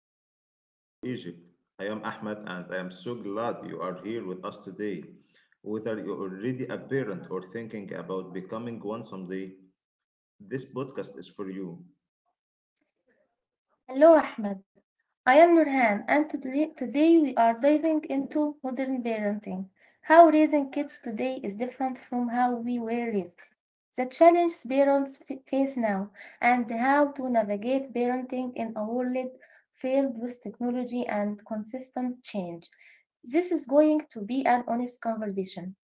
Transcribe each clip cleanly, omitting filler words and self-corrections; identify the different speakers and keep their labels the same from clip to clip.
Speaker 1: to Raising Tomorrow Egypt. I am Ahmed and I am so glad you are here with us today. Whether you're already a parent or thinking about becoming one someday, this podcast is for you.
Speaker 2: Hello, Ahmed. I am Nurhan, and today we are diving into modern parenting, how raising kids today is different from how we were raised, the challenges parents face now, and how to navigate parenting in a world filled with technology and consistent change. This is going to be an honest conversation.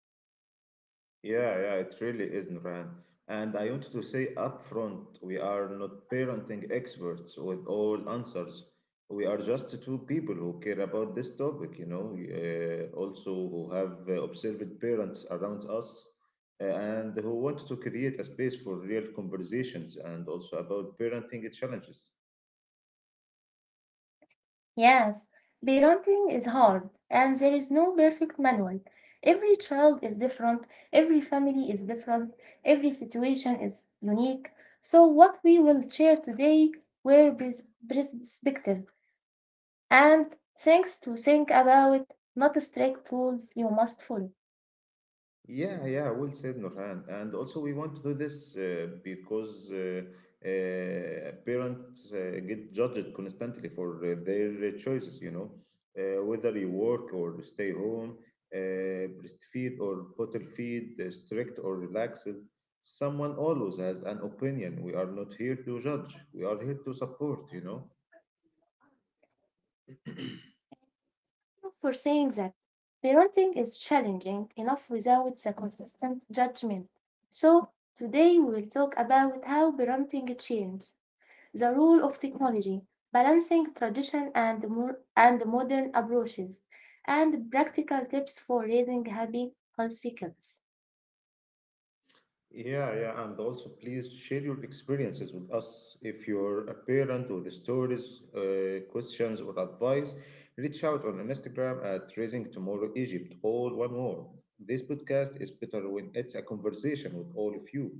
Speaker 1: Yeah, yeah, it really is, Nurhan. And I wanted to say upfront, we are not parenting experts with all answers. We are just two people who care about this topic, also who have observed parents around us and who want to create a space for real conversations and also about parenting challenges.
Speaker 2: Yes, parenting is hard, and there is no perfect manual. Every child is different, every family is different, every situation is unique. So, what we will share today were perspective and things to think about, not strict rules you must follow.
Speaker 1: Yeah, yeah, well said, Nurhan. And also, we want to do this because parents get judged constantly for their choices, you know, whether you work or stay home, breastfeed or bottle feed, strict or relaxed. Someone always has an opinion. We are not here to judge, we are here to support, you know.
Speaker 2: For saying that, parenting is challenging enough without the consistent judgment. So, today we will talk about how parenting changed. The role of technology, balancing tradition and, and modern approaches, and practical tips for raising happy, healthy kids.
Speaker 1: Yeah, yeah, and also please share your experiences with us. If you're a parent with stories, questions, or advice, reach out on Instagram at Raising Tomorrow Egypt, all one word. This podcast is better when it's a conversation with all of you.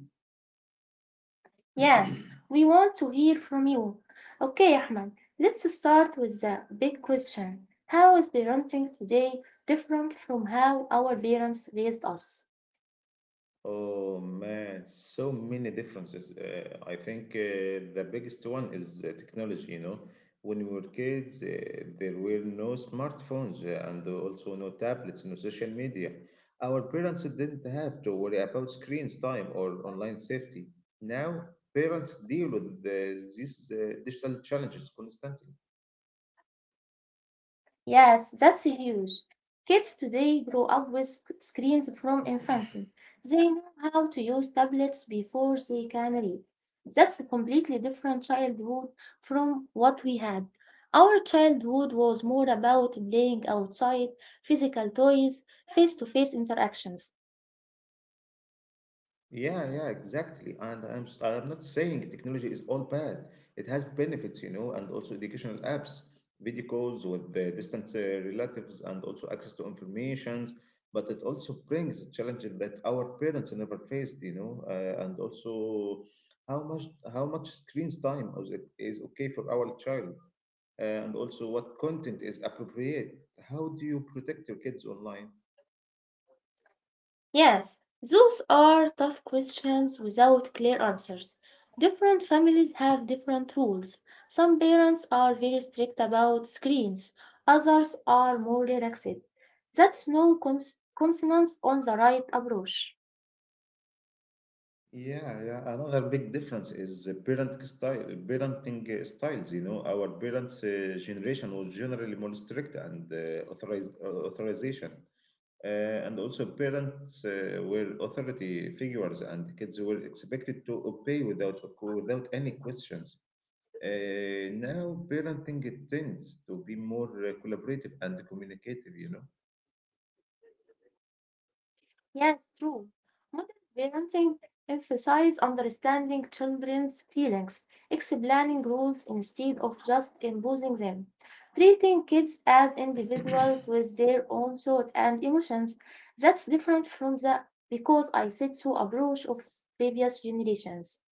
Speaker 2: Yes, we want to hear from you. Okay, Ahmed, let's start with the big question. How is parenting today different from how our parents raised us?
Speaker 1: Oh man, so many differences. I think the biggest one is technology, you know. When we were kids, there were no smartphones and also no tablets, no social media. Our parents didn't have to worry about screens time or online safety. Now, parents deal with these digital challenges constantly.
Speaker 2: Yes, that's huge. Kids today grow up with screens from infancy. They know how to use tablets before they can read. That's a completely different childhood from what we had. Our childhood was more about playing outside, physical toys, face to face interactions.
Speaker 1: Yeah, yeah, exactly. And I'm not saying technology is all bad. It has benefits, you know, and also educational apps, video calls with the distant relatives, and also access to informations. But it also brings a challenge that our parents never faced, you know, and also how much how much screen time is okay for our child, and also what content is appropriate. How do you protect your kids online?
Speaker 2: Yes, those are tough questions without clear answers. Different families have different rules. Some parents are very strict about screens, others are more relaxed. That's no consonance on the right approach.
Speaker 1: Yeah, yeah. Another big difference is the parenting styles. You know, our parents' generation was generally more strict and authorized authorization, and also parents were authority figures, and kids were expected to obey without any questions. Now, parenting tends to be more collaborative and communicative. You know.
Speaker 2: Yes, true. Modern parenting emphasizes understanding children's feelings, explaining rules instead of just imposing them, treating kids as individuals with their own thoughts and emotions. That's different from the because I said so approach of previous generations.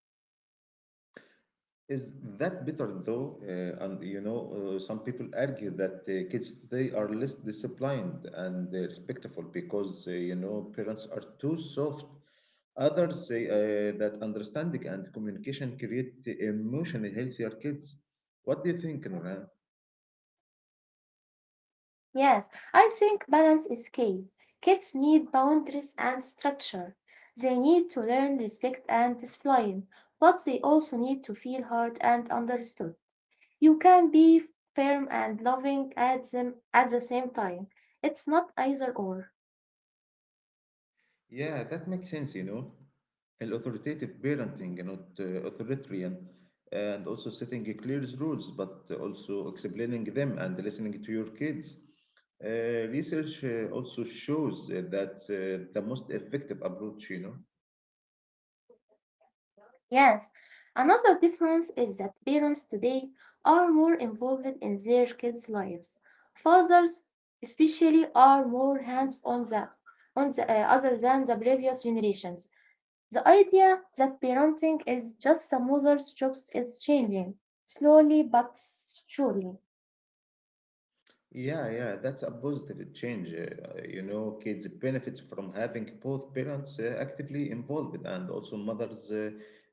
Speaker 1: Is that better though? And you know, some people argue that kids they are less disciplined and respectful because you know parents are too soft. Others say that understanding and communication create emotionally healthier kids. What do you think, Nuran?
Speaker 2: Yes, I think balance is key. Kids need boundaries and structure. They need to learn respect and discipline, but they also need to feel heard and understood. You can be firm and loving at them at the same time. It's not either or.
Speaker 1: Yeah, that makes sense, you know. And authoritative parenting, you know, authoritarian, and also setting clear rules, but also explaining them and listening to your kids. Uh, research also shows that the most effective approach, you know.
Speaker 2: Yes, another difference is that parents today are more involved in their kids' lives. Fathers, especially, are more hands-on on the other than the previous generations. The idea that parenting is just a mother's job is changing slowly but surely.
Speaker 1: Yeah, yeah, that's a positive change. You know, kids benefits from having both parents actively involved, and also mothers uh,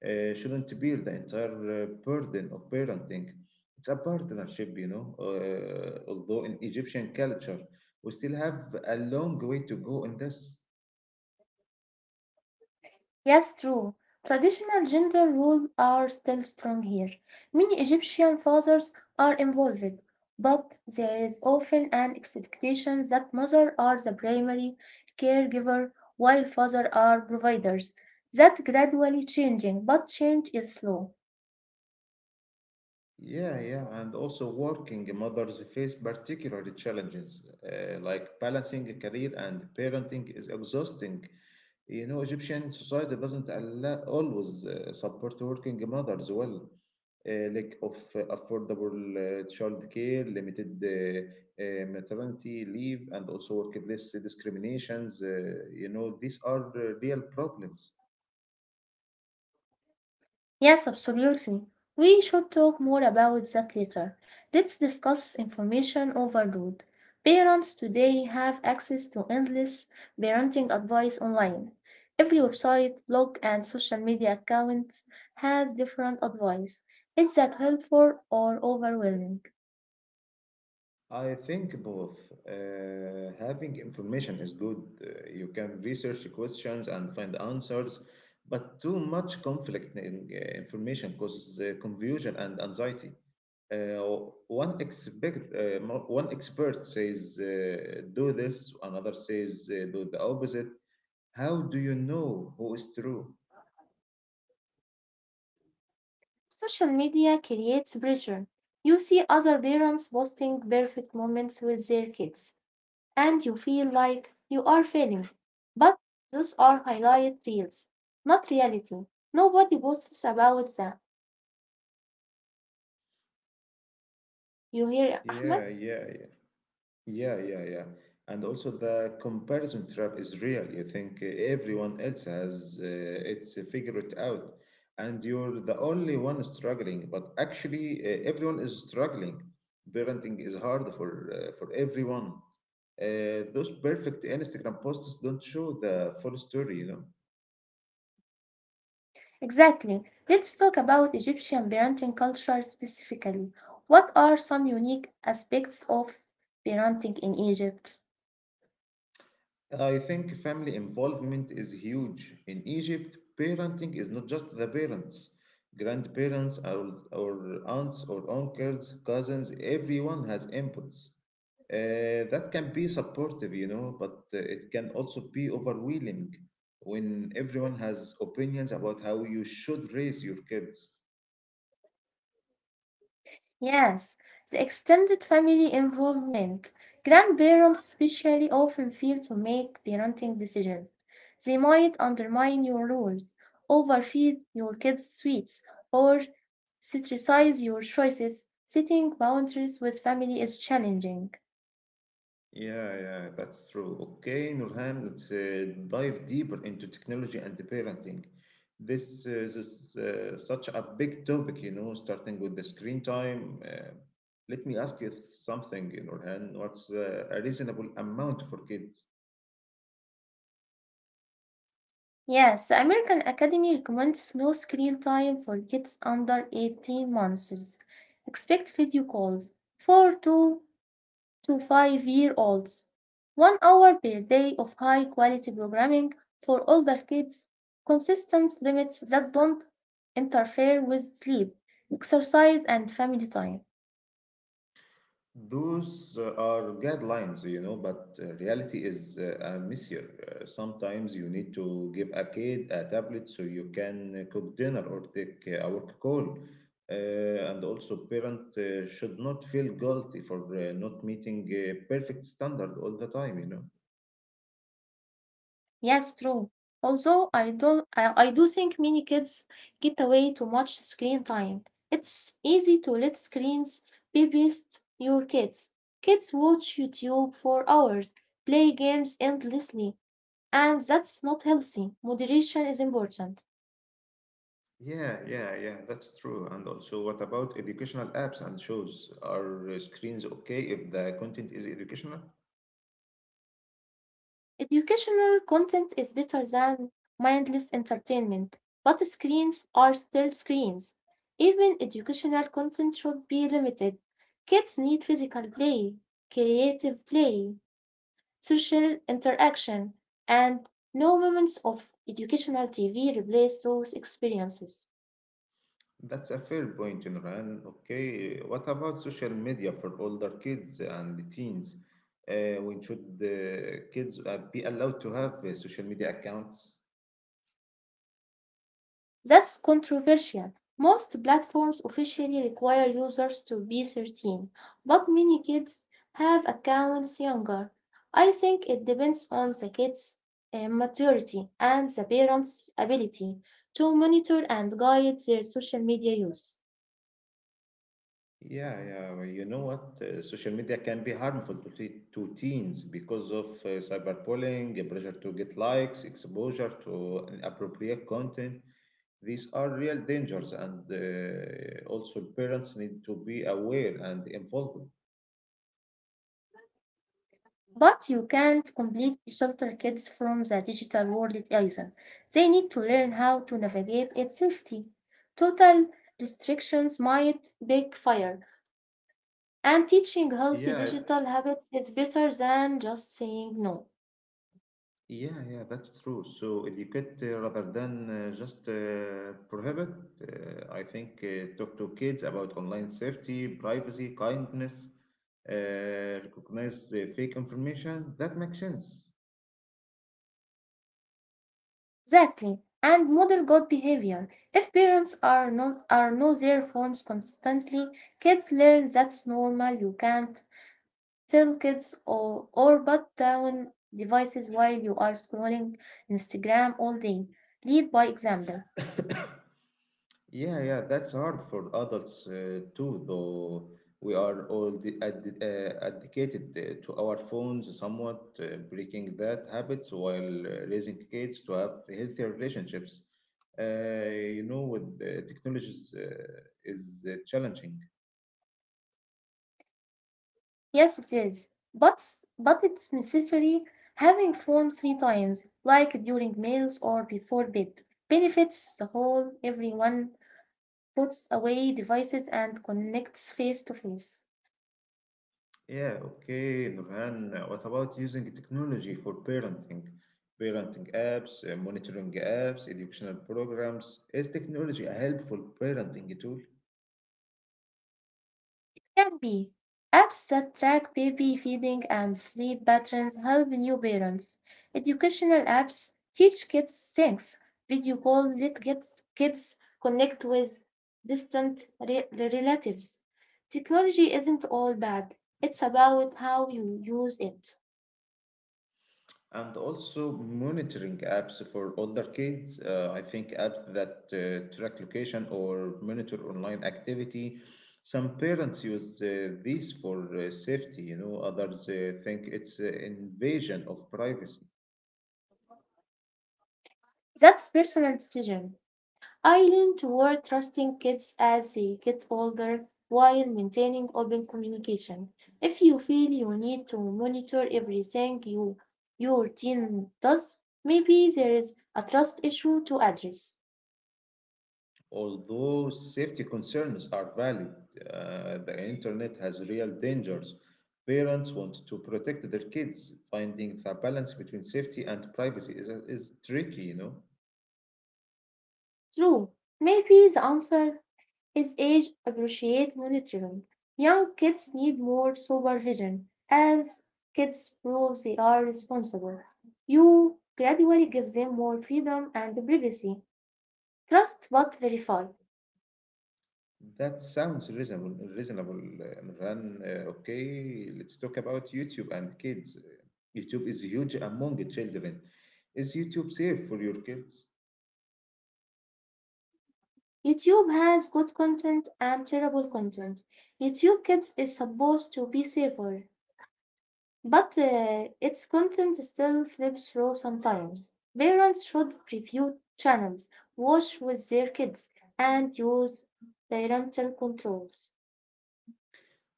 Speaker 1: uh, shouldn't bear the entire burden of parenting. It's a partnership, you know. Although in Egyptian culture, we still have a long way to go in this.
Speaker 2: Yes, true. Traditional gender roles are still strong here. Many Egyptian fathers are involved, but there is often an expectation that mothers are the primary caregiver while fathers are providers. That gradually changing, but change is slow.
Speaker 1: Yeah, yeah, and also working mothers face particular challenges, like balancing a career and parenting is exhausting. You know, Egyptian society doesn't allow, always support working mothers well. Lack of affordable childcare, limited maternity leave, and also workplace discriminations. You know, these are real problems.
Speaker 2: Yes, absolutely. We should talk more about that later. Let's discuss information overload. Parents today have access to endless parenting advice online. Every website, blog, and social media accounts has different advice. Is that helpful or overwhelming?
Speaker 1: I think both. Having information is good. You can research questions and find answers, but too much conflicting information causes confusion and anxiety. Uh, one expert says do this, another says do the opposite. How do you know who is true?
Speaker 2: Social media creates pressure. You see other parents posting perfect moments with their kids, and you feel like you are failing. But those are highlight reels, not reality. Nobody posts about them. You hear,
Speaker 1: Yeah,
Speaker 2: Ahmed?
Speaker 1: yeah, yeah. Yeah, yeah, yeah. And also the comparison trap is real. You think everyone else has it's figured out, and you're the only one struggling. But actually, everyone is struggling. Parenting is hard for everyone. Those perfect Instagram posts don't show the full story, you know.
Speaker 2: Exactly. Let's talk about Egyptian parenting culture specifically. What are some unique aspects of parenting in Egypt?
Speaker 1: I think family involvement is huge. In Egypt, parenting is not just the parents, grandparents, our aunts or uncles, cousins, everyone has inputs. That can be supportive, you know, but it can also be overwhelming when everyone has opinions about how you should raise your kids.
Speaker 2: Yes, the extended family involvement. Grandparents especially often fail to make parenting decisions. They might undermine your rules, overfeed your kids sweets, or criticize your choices. Setting boundaries with family is challenging.
Speaker 1: Yeah, yeah, that's true. Okay, Nurhan, let's dive deeper into technology and the parenting. This is such a big topic, you know, starting with the screen time. Let me ask you something, Nurhan. What's a reasonable amount for kids?
Speaker 2: Yes, the American Academy recommends no screen time for kids under 18 months. Expect video calls for 2 to 5 year olds. One hour per day of high quality programming for older kids. Consistent limits that don't interfere with sleep, exercise, and family time.
Speaker 1: Those are guidelines, you know, but reality is messier. Sometimes you need to give a kid a tablet so you can cook dinner or take a work call. And also, parent should not feel guilty for not meeting a perfect standard all the time, you know.
Speaker 2: Yes, true. Although I don't, I do think many kids get away too much screen time. It's easy to let screens babysit your kids. Kids watch YouTube for hours, play games endlessly, and that's not healthy. Moderation is important.
Speaker 1: Yeah, yeah, yeah, that's true. And also, what about educational apps and shows? Are screens okay if the content is educational?
Speaker 2: Educational content is better than mindless entertainment, but screens are still screens. Even educational content should be limited. Kids need physical play, creative play, social interaction, and no moments of educational TV replace those experiences.
Speaker 1: That's a fair point, Imran. Okay, what about social media for older kids and teens? When should the kids be allowed to have social media accounts?
Speaker 2: That's controversial. Most platforms officially require users to be 13, but many kids have accounts younger. I think it depends on the kid's maturity and the parents' ability to monitor and guide their social media use.
Speaker 1: Yeah, yeah. Well, you know what? Social media can be harmful to teens because of cyberbullying, a pressure to get likes, exposure to inappropriate content. These are real dangers, and also parents need to be aware and involved.
Speaker 2: But you can't completely shelter kids from the digital world either. They need to learn how to navigate it safely. Total restrictions might backfire. And teaching healthy
Speaker 1: Yeah,
Speaker 2: digital habits is better than just saying no.
Speaker 1: yeah, yeah, that's true. So educate rather than just prohibit. I think talk to kids about online safety, privacy, kindness, recognize fake information. That makes sense.
Speaker 2: Exactly. And model good behavior. If parents are not are no their phones constantly, kids learn that's normal. You can't tell kids or put down devices while you are scrolling Instagram all day. Lead by example.
Speaker 1: Yeah, yeah, that's hard for adults too, though we are all addicted to our phones somewhat, breaking bad habits while raising kids to have healthier relationships. You know, with the technologies is challenging.
Speaker 2: Yes, it is. But it's necessary having phone free times, like during meals or before bed, benefits the whole. Everyone puts away devices and connects face to face.
Speaker 1: Yeah, okay, Nurhan, what about using technology for parenting? Parenting apps, monitoring apps, educational programs. Is technology a helpful parenting tool?
Speaker 2: Can be. Apps that track baby feeding and sleep patterns help new parents. Educational apps teach kids things. Video call let kids connect with distant relatives. Technology isn't all bad. It's about how you use it.
Speaker 1: And also monitoring apps for older kids. I think apps that track location or monitor online activity. Some parents use these for safety, you know, others think it's an invasion of privacy.
Speaker 2: That's personal decision. I lean toward trusting kids as they get older while maintaining open communication. If you feel you need to monitor everything you your teen does, maybe there is a trust issue to address.
Speaker 1: Although safety concerns are valid, the internet has real dangers. Parents want to protect their kids. Finding the balance between safety and privacy is tricky, you know.
Speaker 2: True, maybe the answer is age appropriate monitoring. Young kids need more supervision as kids prove they are responsible. You gradually give them more freedom and privacy. Trust but verify.
Speaker 1: That sounds reasonable, Imran. Okay, let's talk about YouTube and kids. YouTube is huge among the children. Is YouTube safe for your kids?
Speaker 2: YouTube has good content and terrible content. YouTube Kids is supposed to be safer, but its content still slips through sometimes. Parents should review channels, watch with their kids, and use parental controls.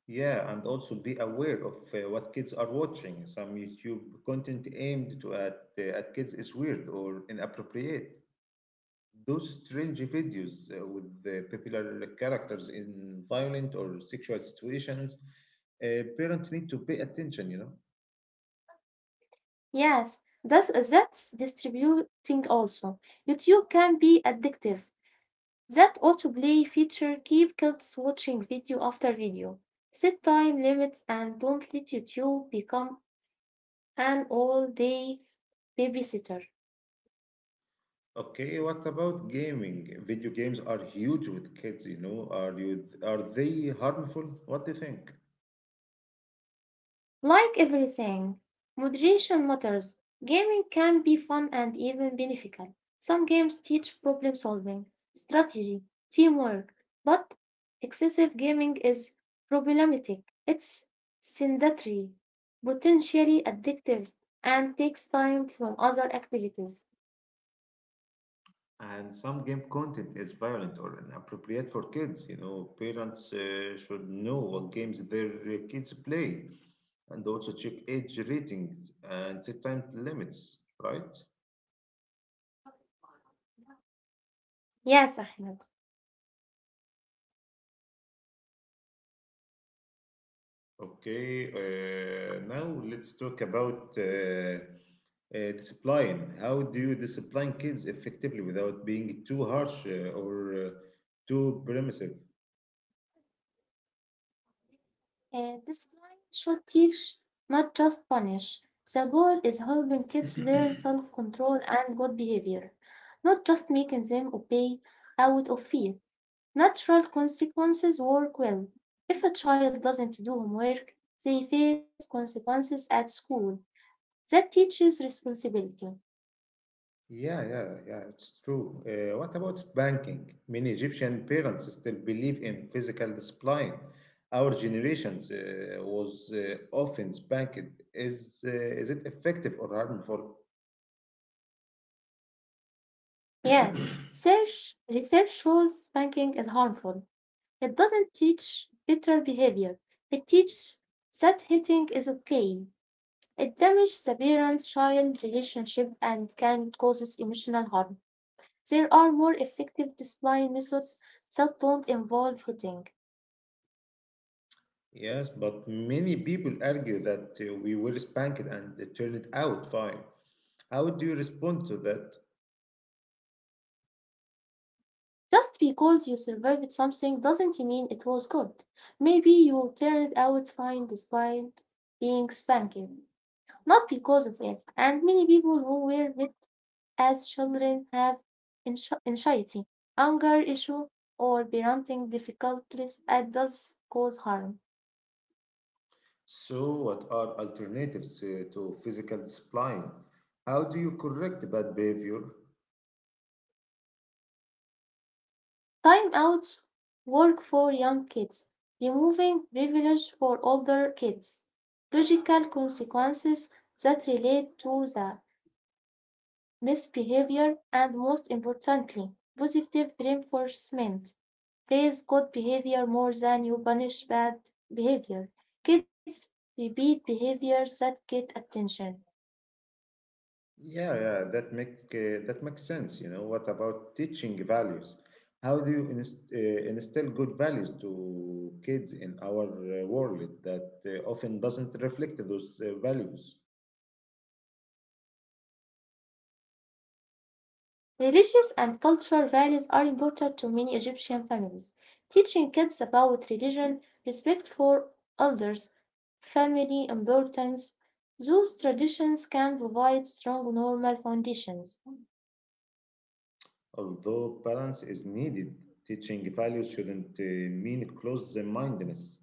Speaker 1: Yeah, and also be aware of what kids are watching. Some YouTube content aimed at kids is weird or inappropriate. Those strange videos with popular characters in violent or sexual situations, uh, parents need to pay attention, you know.
Speaker 2: Yes, that's distributing also. YouTube can be addictive. That autoplay feature keep kids watching video after video. Set time limits and don't let YouTube become an all-day babysitter.
Speaker 1: Okay, what about gaming? Video games are huge with kids, you know. Are they harmful? What do you think?
Speaker 2: Like everything, moderation matters. Gaming can be fun and even beneficial. Some games teach problem solving, strategy, teamwork, but excessive gaming is problematic. It's sedentary, potentially addictive, and takes time from other activities.
Speaker 1: And some game content is violent or inappropriate for kids, you know. Parents should know what games their kids play and also check age ratings and set time limits, right?
Speaker 2: Yes, Ahmed.
Speaker 1: Okay, now let's talk about discipline. How do you discipline kids effectively without being too harsh or too permissive?
Speaker 2: This line should teach, not just punish. The goal is helping kids learn self control and good behavior, not just making them obey out of fear. Natural consequences work well. If a child doesn't do homework, they face consequences at school. That teaches responsibility.
Speaker 1: Yeah, yeah, yeah, it's true. What about spanking? Many Egyptian parents still believe in physical discipline. Our generations was often spanked. Is it effective or harmful?
Speaker 2: Yes, research shows spanking is harmful. It doesn't teach better behavior. It teaches that hitting is okay. It damages the parent child relationship and can cause emotional harm. There are more effective discipline methods that don't involve hitting.
Speaker 1: Yes, but many people argue that we were spanked and it turned out fine. How do you respond to that?
Speaker 2: Just because you survived something doesn't mean it was good. Maybe you turned out fine despite being spanked, not because of it. And many people who were hit as children have anxiety, anger issue, or parenting difficulties and does cause harm.
Speaker 1: So, what are alternatives to physical discipline? How do you correct bad behavior?
Speaker 2: Timeouts work for young kids, removing privilege for older kids. Logical consequences that relate to the misbehavior and most importantly, positive reinforcement. Praise good behavior more than you punish bad behavior. Kids repeat behaviors that get attention.
Speaker 1: Yeah, yeah, that makes sense. You know, what about teaching values? How do you instill good values to kids in our world that often doesn't reflect those values?
Speaker 2: Religious and cultural values are important to many Egyptian families. Teaching kids about religion, respect for elders, family importance, those traditions can provide strong normal foundations.
Speaker 1: Although balance is needed, teaching values shouldn't mean close mindedness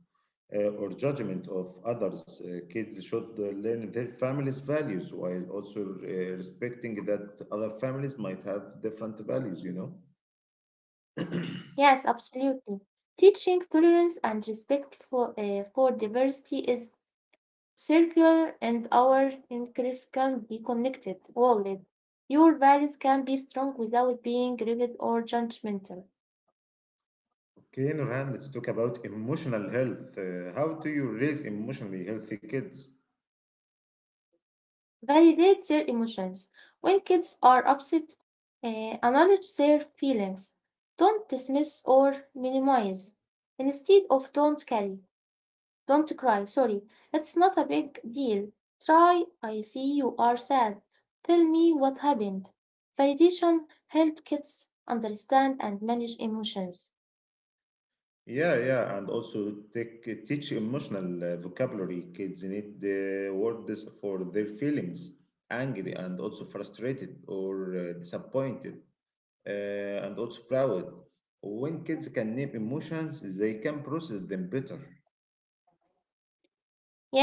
Speaker 1: or judgment of others. Kids should learn their family's values while also respecting that other families might have different values, you know.
Speaker 2: Yes, absolutely. Teaching tolerance and respect for diversity is circular, and our interests can be connected. All your values can be strong without being rigid or judgmental.
Speaker 1: Okay, Nurhan, let's talk about emotional health. How do you raise emotionally healthy kids?
Speaker 2: Validate their emotions. When kids are upset, acknowledge their feelings. Don't dismiss or minimize. Instead of don't carry, don't cry, sorry, it's not a big deal. Try, I see you are sad. Tell me what happened. Validation helps kids understand and manage emotions.
Speaker 1: Yeah, yeah, and also teach emotional vocabulary. Kids need the words for their feelings, angry and also frustrated or disappointed, uh, and also proud. When kids can name emotions, they can process them better.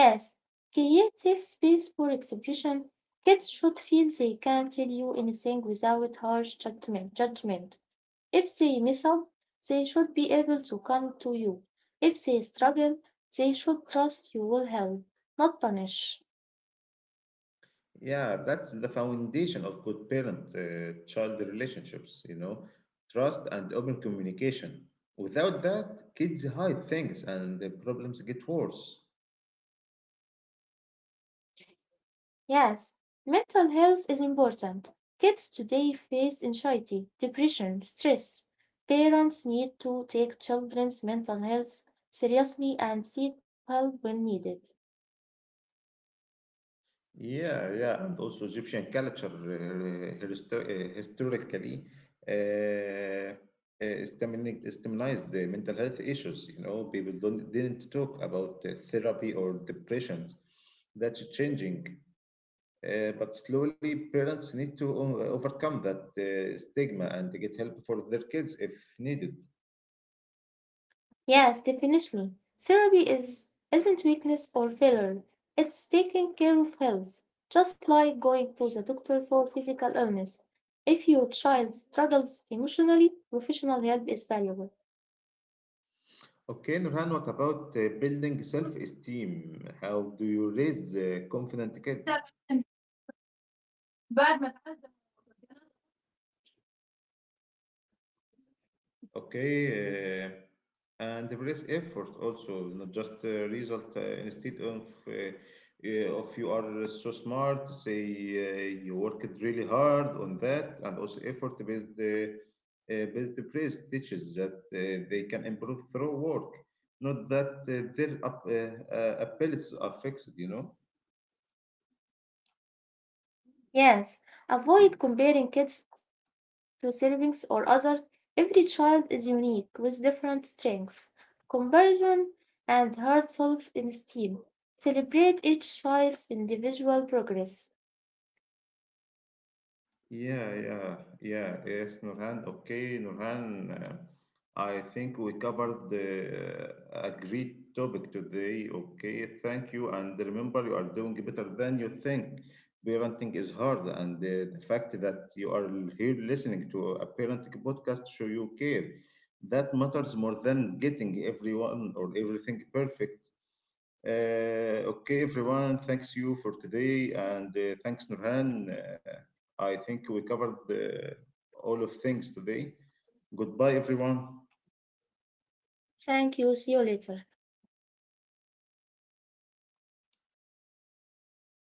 Speaker 2: Yes, create safe space for expression. Kids should feel they can tell you anything without harsh judgment. If they mess up, they should be able to come to you. If they struggle, they should trust you will help, not punish.
Speaker 1: Yeah, that's the foundation of good parent-child relationships, you know, trust and open communication. Without that, kids hide things and the problems get worse.
Speaker 2: Yes, mental health is important. Kids today face anxiety, depression, stress. Parents need to take children's mental health seriously and seek help when needed.
Speaker 1: Yeah, yeah, and also Egyptian culture historically stigmatized the mental health issues. You know, people don't didn't talk about therapy or depression. That's changing, but slowly parents need to overcome that stigma and to get help for their kids if needed.
Speaker 2: Yes, definitely. Therapy is isn't weakness or failure. It's taking care of health, just like going to the doctor for physical illness. If your child struggles emotionally, professional help is valuable.
Speaker 1: Okay, Nurhan, what about building self-esteem? How do you raise confident kids? Okay, and there is effort also, not just result. Instead of you are so smart, say you worked really hard on that, and also effort based praise teaches that they can improve through work, not that their abilities are fixed. You know.
Speaker 2: Yes, avoid comparing kids to siblings or others. Every child is unique with different strengths, comparison, and hard self esteem. Celebrate each child's individual progress.
Speaker 1: Yeah, yeah, yeah. Yes, Nurhan. Okay, Nurhan. I think we covered a great topic today. Okay, thank you. And remember, you are doing better than you think. Parenting is hard, and the fact that you are here listening to a parenting podcast show you care. That matters more than getting everyone or everything perfect. Okay, everyone, thanks you for today, and thanks, Nurhan. I think we covered all of things today. Goodbye, everyone.
Speaker 2: Thank you. See you later.